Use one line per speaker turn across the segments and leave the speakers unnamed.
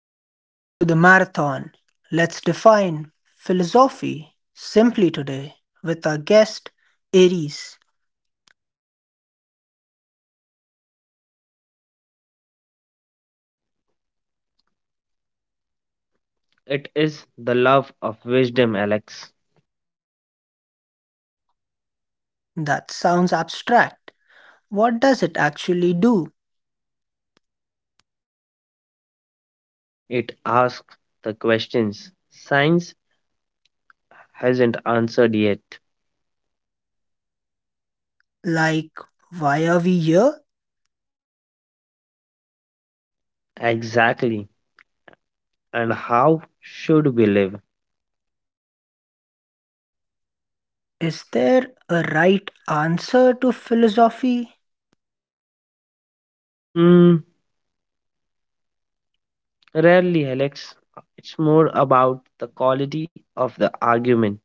Welcome to the marathon. Let's define philosophy simply today with our guest, Aries.
It is the love of wisdom, Alex.
That sounds abstract. What does it actually do?
It asks the questions science hasn't answered yet.
Like, why are we here?
Exactly. And how should we live?
Is there a right answer to philosophy?
Mm, Rarely, Alex. It's more about the quality of the argument.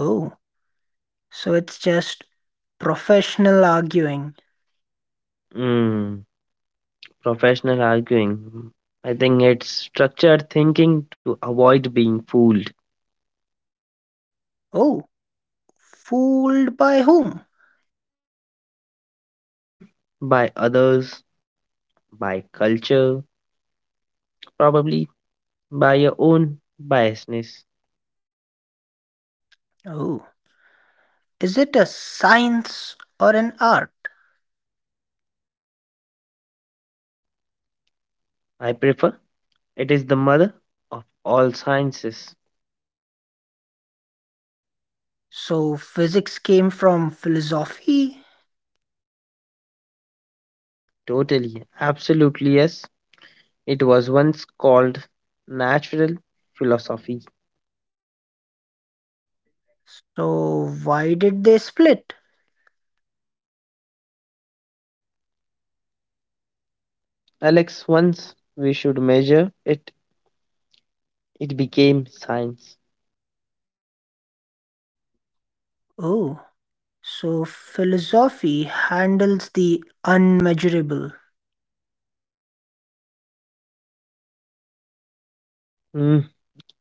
Oh, so it's just professional arguing.
Mm, Professional arguing. I think it's structured thinking to avoid being fooled
Oh, fooled by whom?
mm, by others, by culture, probably by your own biasness.
Oh, is it a science or an art?
I prefer it is the mother of all sciences.
So physics came from philosophy.
Totally, absolutely, yes. It was once called natural philosophy.
So why did they split?
Alex, once we should measure it, it became science.
Oh, so philosophy handles the unmeasurable.
Mm,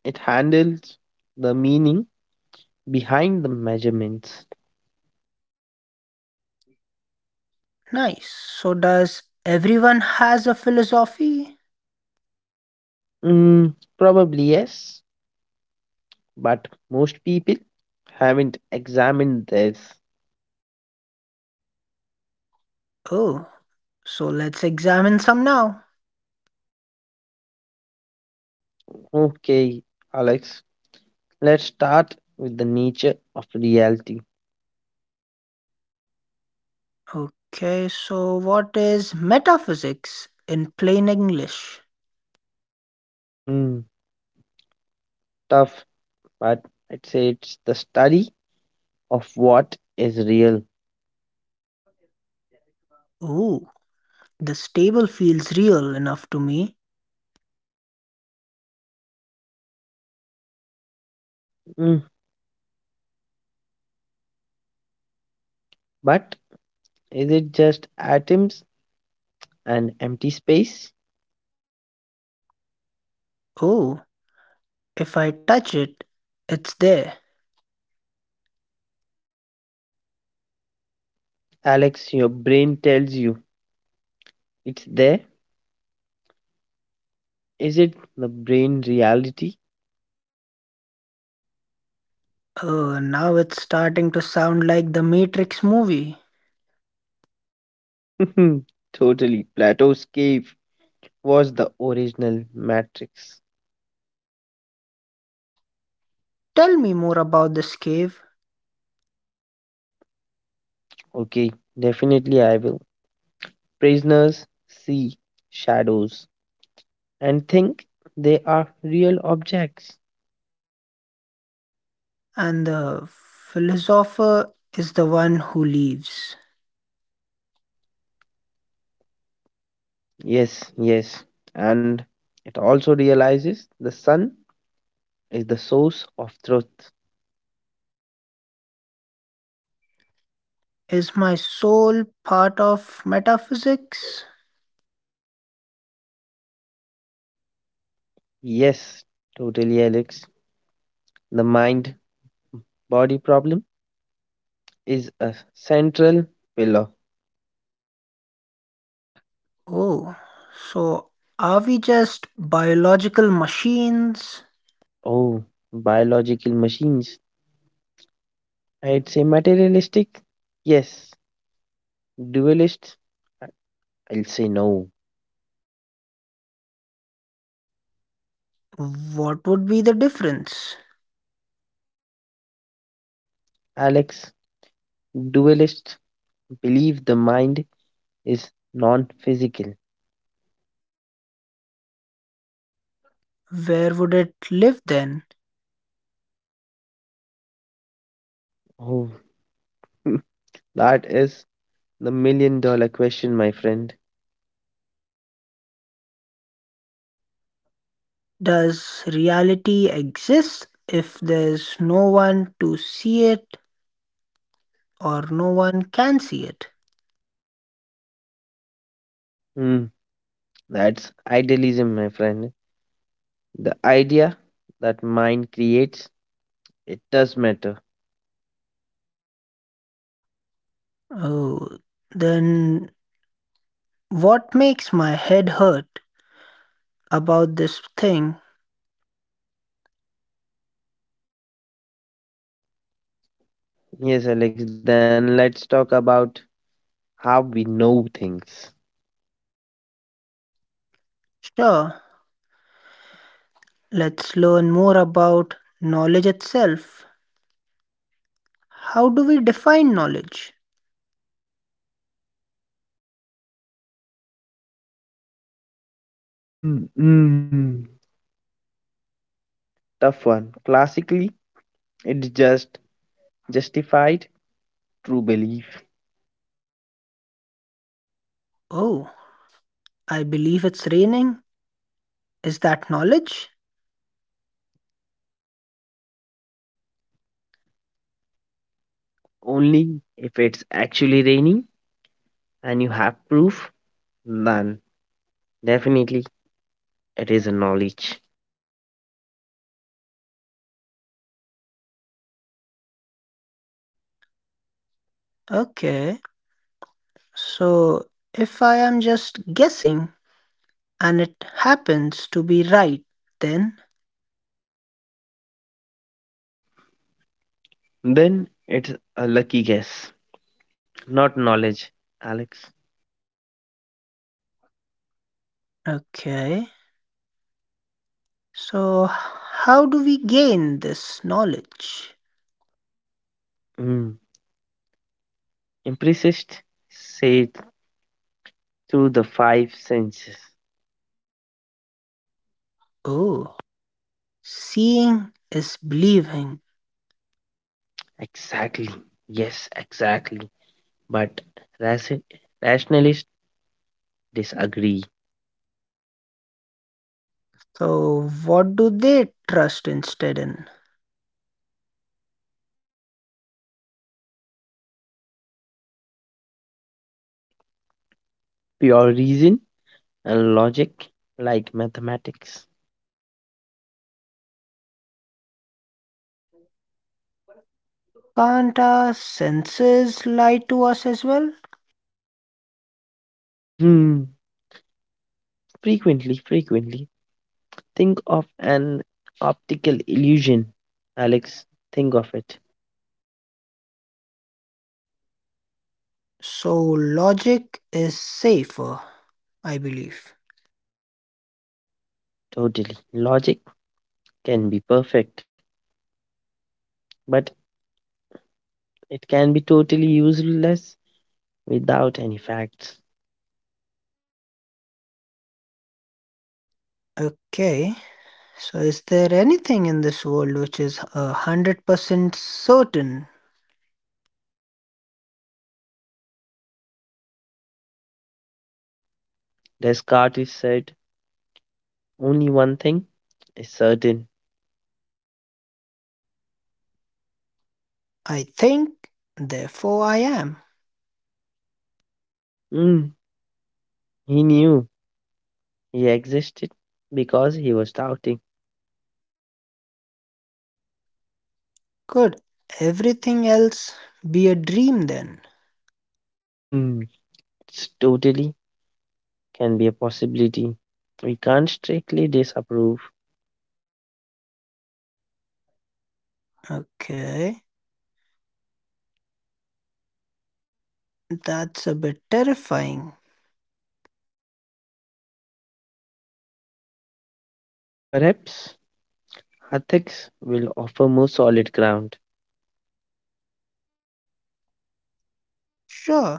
it handles the meaning behind the measurements.
Nice. So does everyone has a philosophy?
Mm, Probably, yes, but most people haven't examined this.
Oh, so let's examine some now.
Okay, Alex, let's start with the nature of reality.
Okay, so what is metaphysics in plain English?
Mm, Tough, but I'd say it's the study of what is real.
Oh, the table feels real enough to me.
Mm, but is it just atoms and empty space?
Oh, if I touch it, it's there.
Alex, your brain tells you it's there. Is it the brain reality?
Oh, now it's starting to sound like the Matrix movie.
Totally. Plato's cave was the original matrix.
Tell me more about this cave.
Okay, definitely I will. Prisoners see shadows and think they are real objects.
And the philosopher is the one who leaves.
Yes, yes. And it also realizes the sun is the source of truth.
Is my soul part of metaphysics?
Yes, totally, Alex. The mind body problem is a central pillar.
Oh, so are we just biological machines?
Oh, Biological machines. I'd say materialistic. Yes, dualist. I'll say no.
What would be the difference?
Alex, dualist believe the mind is non physical.
Where would it live then?
Oh, that is the million dollar question, my friend.
Does reality exist if there's no one to see it, or no one can see it?
Hmm. That's idealism, my friend. The idea that mind creates, it does matter.
Oh, then what makes my head hurt about this thing?
Yes, Alex, then let's talk about how we know things.
Sure, let's learn more about knowledge itself. How do we define knowledge?
Mm, mm. Tough one. Classically, it's just justified true belief.
Oh, I believe it's raining. Is that knowledge?
Only if it's actually raining and you have proof, then definitely it is a knowledge.
Okay, so if I am just guessing and it happens to be right, then
Then it's a lucky guess, not knowledge, Alex.
okay. So, how do we gain this knowledge?
Mm. Empiricists say through the five senses.
Oh, seeing is believing.
Exactly. Yes, exactly. But raci- rationalists disagree.
So, what do they trust instead in?
Pure reason and logic, like mathematics.
Can't our senses lie to us as well?
Hmm. Frequently, frequently. Think of an optical illusion. Alex, think of it.
So, logic is safer, I believe.
Totally. Logic can be perfect, but it can be totally useless without any facts.
Okay, so is there anything in this world which is 100% certain?
Descartes said only one thing is certain.
I think, therefore I am.
Hmm. He knew he existed because he was doubting.
Good. Everything else be a dream then.
Mm, it's totally can be a possibility. We can't strictly disapprove.
Okay, that's a bit terrifying.
Perhaps ethics will offer more solid ground.
Sure,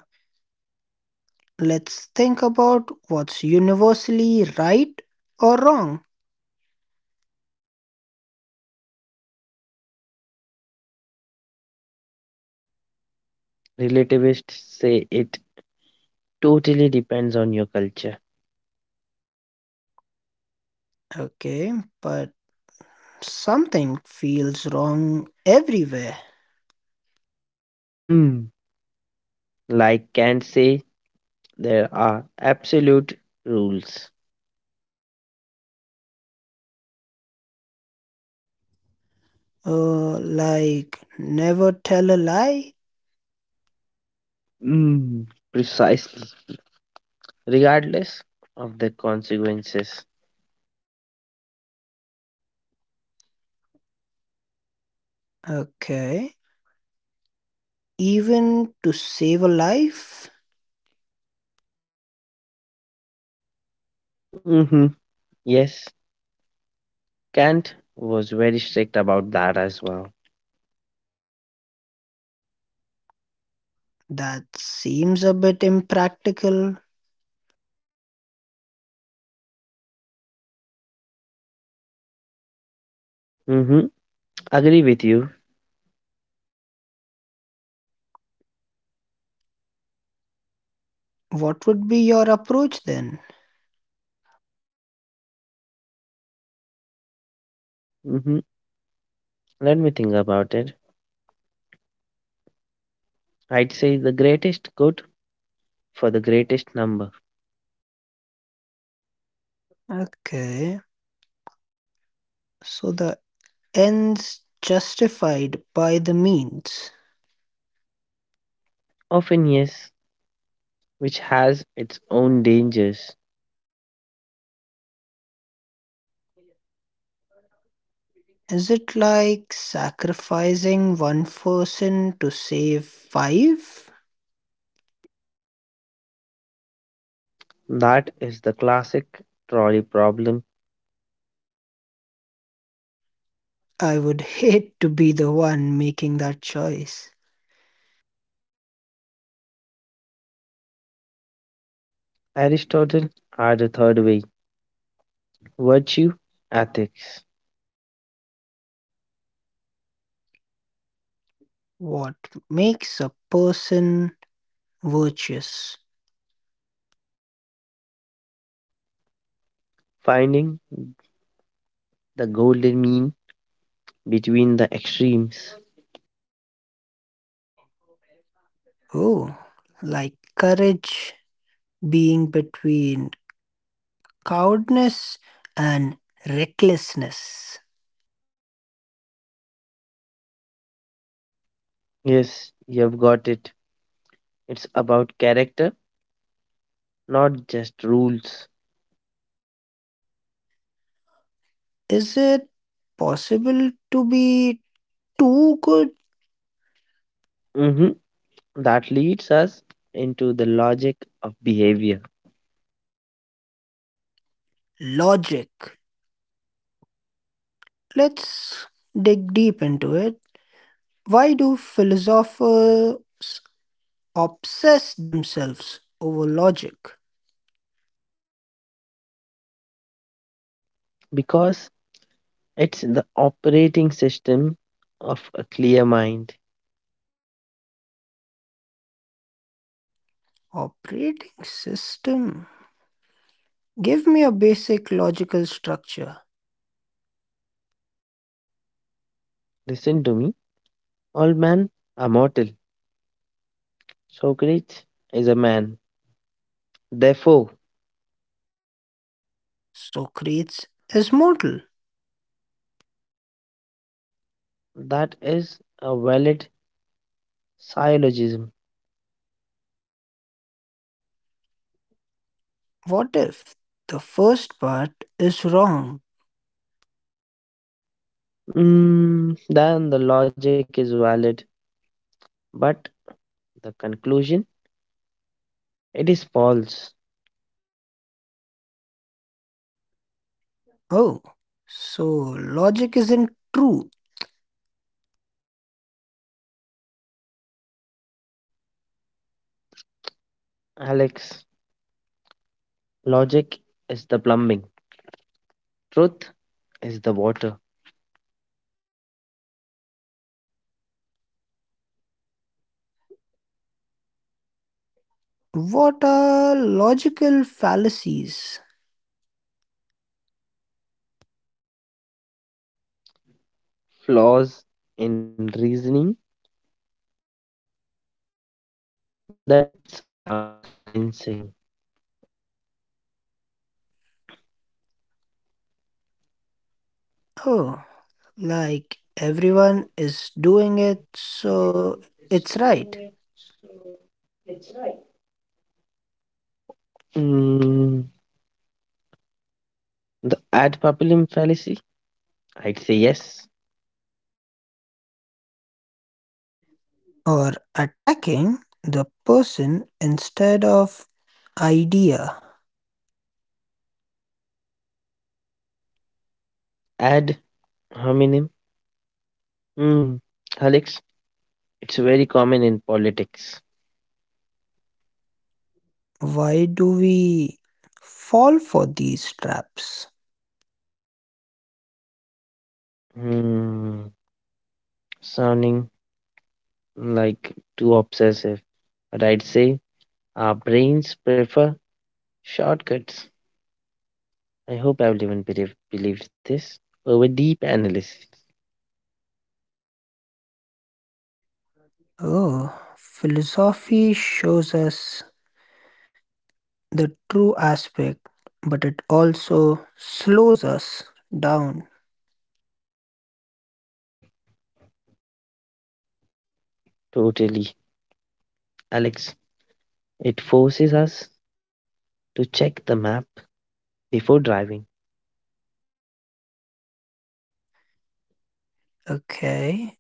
let's think about what's universally right or wrong.
Relativists say it totally depends on your culture.
Okay, but something feels wrong everywhere.
Mm, like Kant say, there are absolute rules.
Like never tell a lie.
Mm, Precisely, regardless of the consequences.
Okay, even to save a life?
hmm Yes, Kant was very strict about that as well.
That seems a bit impractical.
hmm Agree with you.
What would be your approach then?
hmm Let me think about it. I'd say the greatest good for the greatest number.
Okay, so the ends justified by the means.
Often, yes, which has its own dangers.
Is it like sacrificing one person to save five?
That is the classic trolley problem.
I would hate to be the one making that choice.
Aristotle had a third way virtue, ethics,
What makes a person virtuous?
finding the golden mean between the extremes.
Oh, like courage being between cowardness and recklessness.
Yes, you've got it. It's about character, not just rules.
Is it possible to be too good?
Mhm. That leads us into the logic of behavior
Logic. Let's dig deep into it. Why do philosophers obsess themselves over logic?
because it's the operating system of a clear mind.
Operating system. Give me a basic logical structure.
Listen to me. All men are mortal. Socrates is a man. Therefore,
Socrates is mortal.
that is a valid syllogism.
What if the first part is wrong?
Then the logic is valid, but the conclusion it is false.
Oh, so logic isn't true.
Alex, logic is the plumbing, truth is the water,
What are logical fallacies?
flaws in reasoning that sound convincing.
Oh, like everyone is doing it, so it's right.
Mm, the ad populum fallacy? I'd say yes.
Or attacking the person instead of idea.
Ad hominem? Mm, Alex, it's very common in politics.
Why do we fall for these traps?
Mm, Sounding like too obsessive. But I'd say our brains prefer shortcuts. I hope everyone believes this over deep analysis.
Oh, philosophy shows us the true aspect, but it also slows us down.
Totally. Alex, it forces us to check the map before driving.
Okay,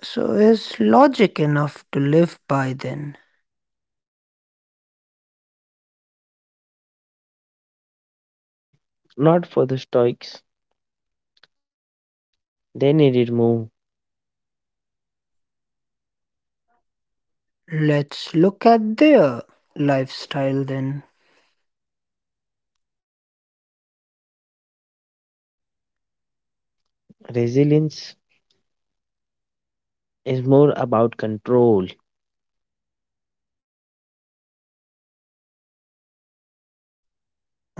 so is logic enough to live by then?
Mm, Not for the Stoics. They needed more.
Let's look at their lifestyle then.
Resilience is more about control.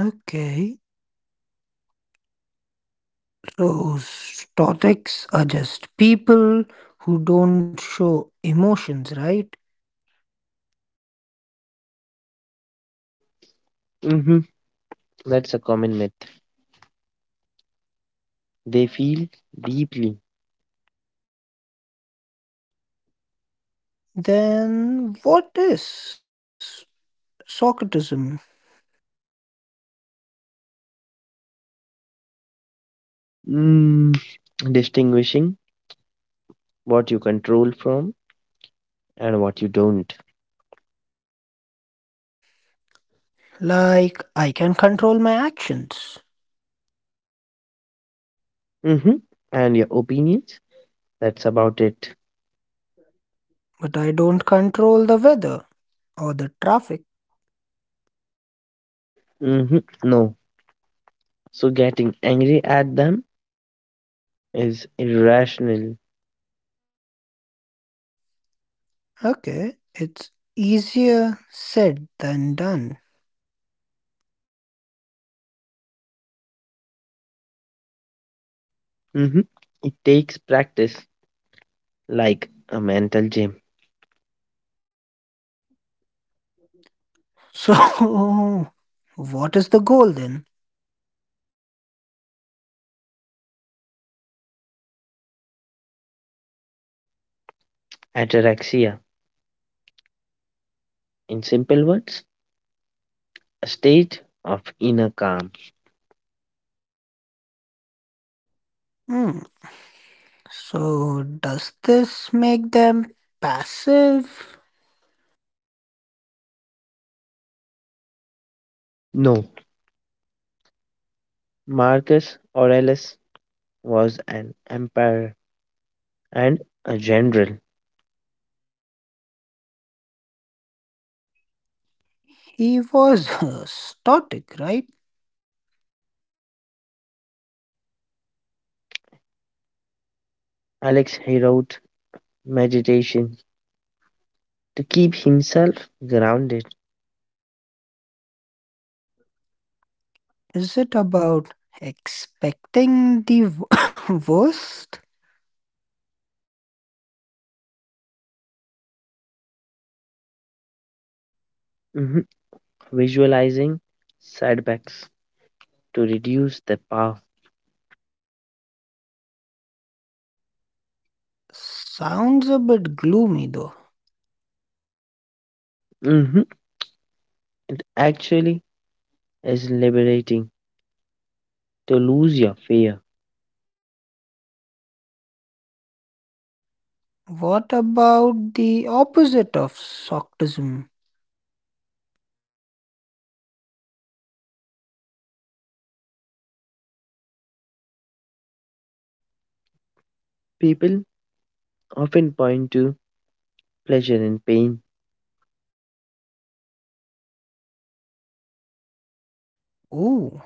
Okay, those stoics are just people who don't show emotions, right?
hmm That's a common myth. They feel deeply,
Then what is Socratism?
mm, distinguishing what you control from and what you don't.
Like, I can control my actions,
hmm And your opinions, that's about it.
but I don't control the weather or the traffic.
No. So getting angry at them is irrational.
Okay, it's easier said than done.
hmm It takes practice, like a mental gym.
So, what is the goal then?
Ataraxia. In simple words, a state of inner calm.
Hmm. So, does this make them passive?
No, Marcus Aurelius was an emperor and a general.
He was static, right?
Alex he wrote meditation to keep himself grounded,
Is it about expecting the worst?
Mhm. Visualizing setbacks to reduce the power.
Sounds a bit gloomy though.
Mhm. It actually is liberating to lose your fear.
What about the opposite of Soctism?
People often point to pleasure and pain.
Ooh,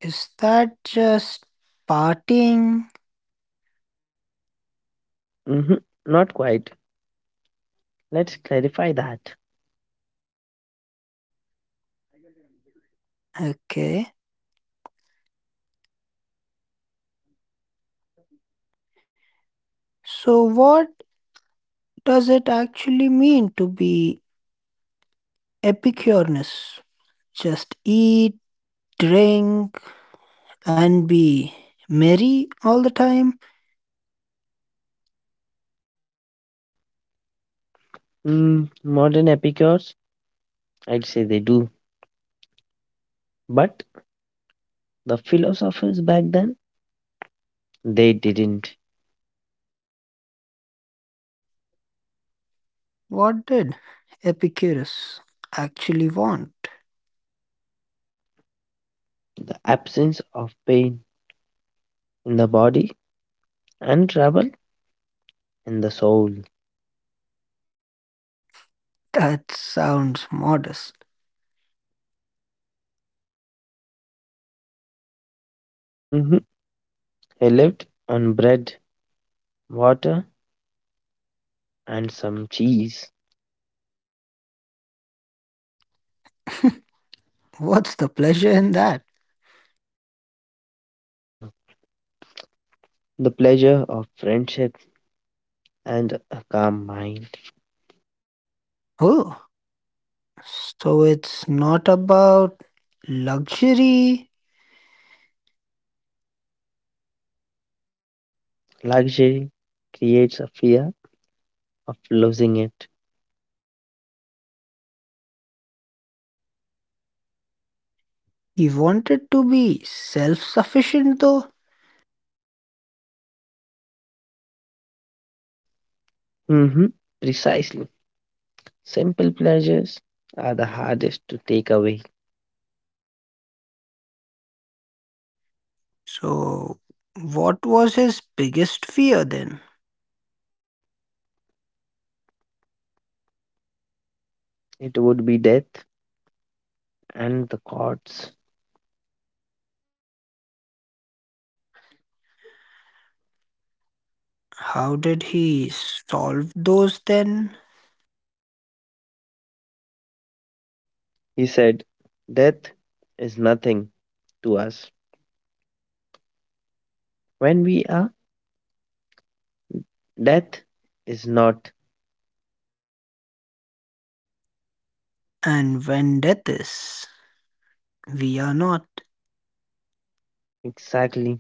is that just partying?
Mhm. Not quite. Let's clarify that.
Okay. So, what does it actually mean to be Epicurus? Just eat, drink, and be merry all the time?
Modern epicures, I'd say they do. But the philosophers back then, they didn't.
What did Epicurus actually want?
The absence of pain in the body and trouble in the soul.
That sounds modest.
hmm He lived on bread, water, and some cheese.
What's the pleasure in that?
Mm, The pleasure of friendship and a calm mind.
Oh, so it's not about luxury.
Luxury creates a fear of losing it.
He wanted to be self sufficient though.
hmm Precisely. Simple pleasures are the hardest to take away.
So, what was his biggest fear then?
It would be death and the gods.
How did he solve those then?
He said, death is nothing to us. When we are, death is not.
And when death is, we are not.
Exactly,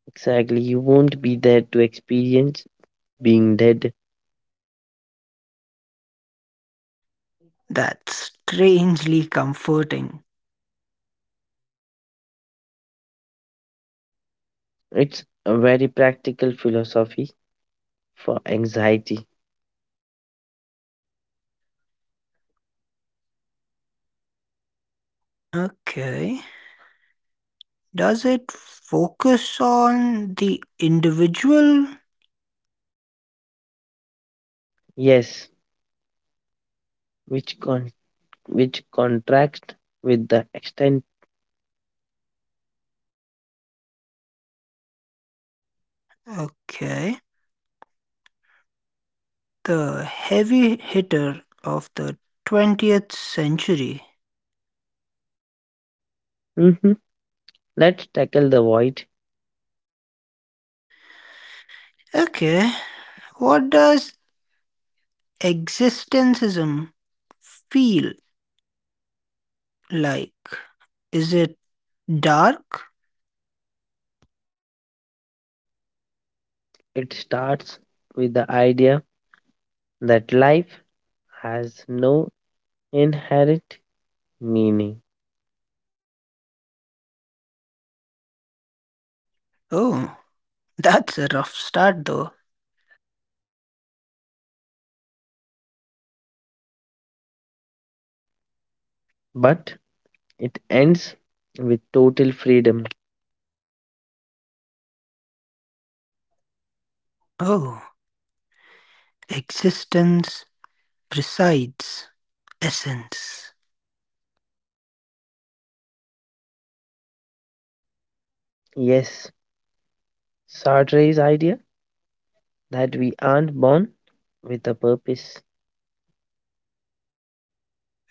exactly. You won't be there to experience being dead.
That's strangely comforting.
It's a very practical philosophy for anxiety.
Okay. Does it focus on the individual?
Yes, which which contracts with the extent.
Okay. The heavy hitter of the 20th century.
Mhm. Let's tackle the void.
Okay. What does existentialism feel like? Is it dark?
It starts with the idea that life has no inherit meaning,
Oh, that's a rough start though.
but it ends with total freedom.
Oh, existence presides essence.
Yes, Sartre's idea that we aren't born with a purpose.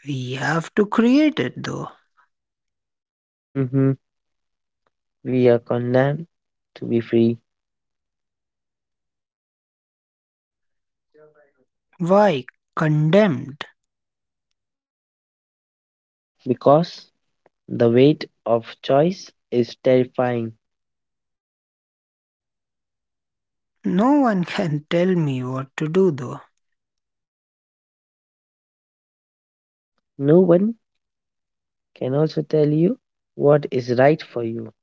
We have to create it though.
hmm We are condemned to be free
Why condemned?
because the weight of choice is terrifying.
No one can tell me what to do though.
No one can also tell you what is right for you.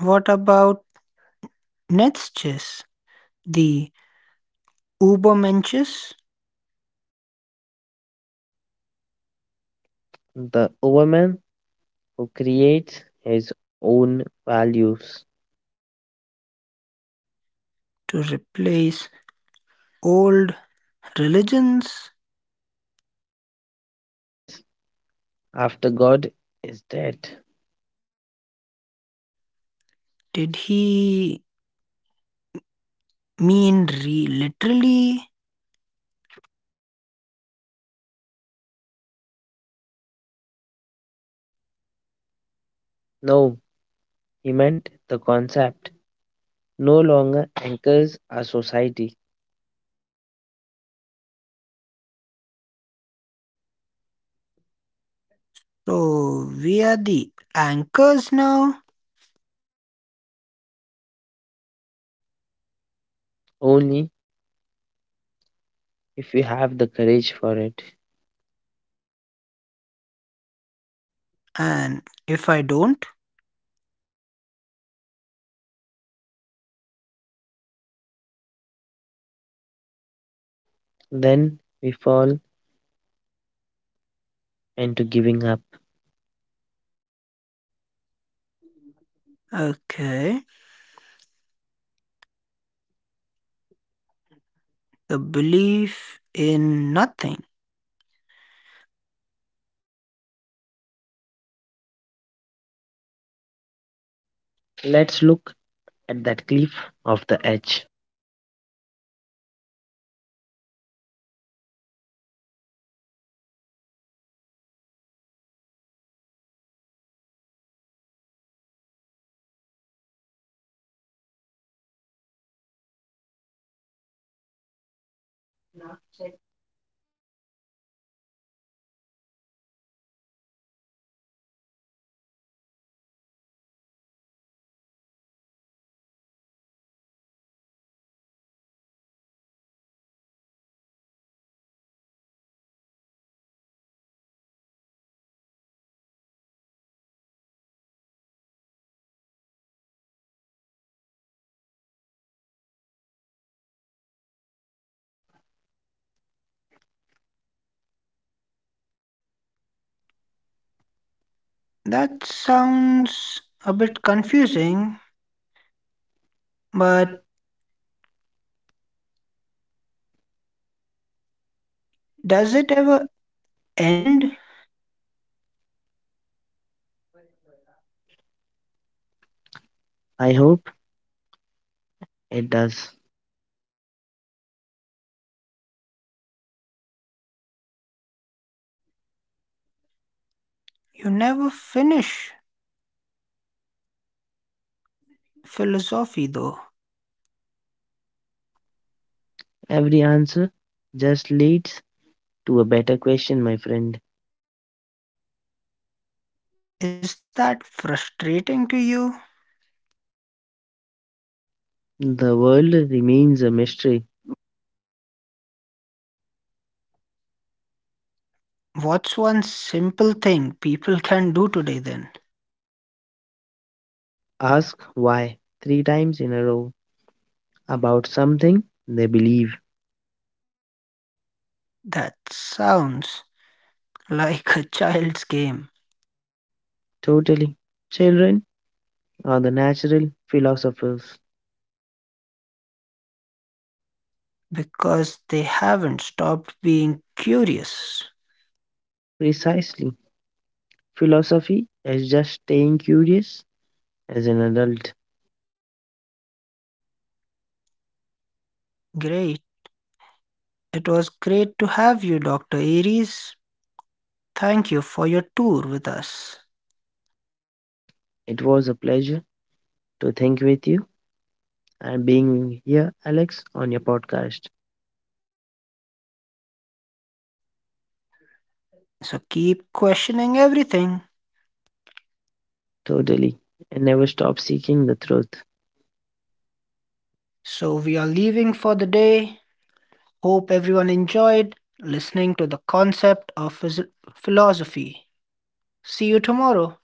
What about Netzches, the Ubermenches
The woman who creates his own values.
to replace old religions?
Yes, after God is dead.
Did he mean literally?
No, he meant the concept no longer anchors our society,
So we are the anchors now,
only if we have the courage for it.
and if I don't,
Then we fall into giving up.
okay, the belief in nothing.
Let's look at that cliff of the edge.
That sounds a bit confusing, but does it ever end?
I hope it does.
You never finish philosophy though.
Every answer just leads to a better question, my friend.
Is that frustrating to you?
The world remains a mystery.
What's one simple thing people can do today then?
Ask why three times in a row about something they believe.
That sounds like a child's game
Totally. Children are the natural philosophers.
because they haven't stopped being curious.
Precisely. Philosophy is just staying curious as an adult.
Great. It was great to have you, Dr. Aries. Thank you for your tour with us.
It was a pleasure to think with you and being here, Alex, on your podcast.
So keep questioning everything.
Totally. And never stop seeking the truth.
So we are leaving for the day. Hope everyone enjoyed listening to the concept of philosophy. See you tomorrow.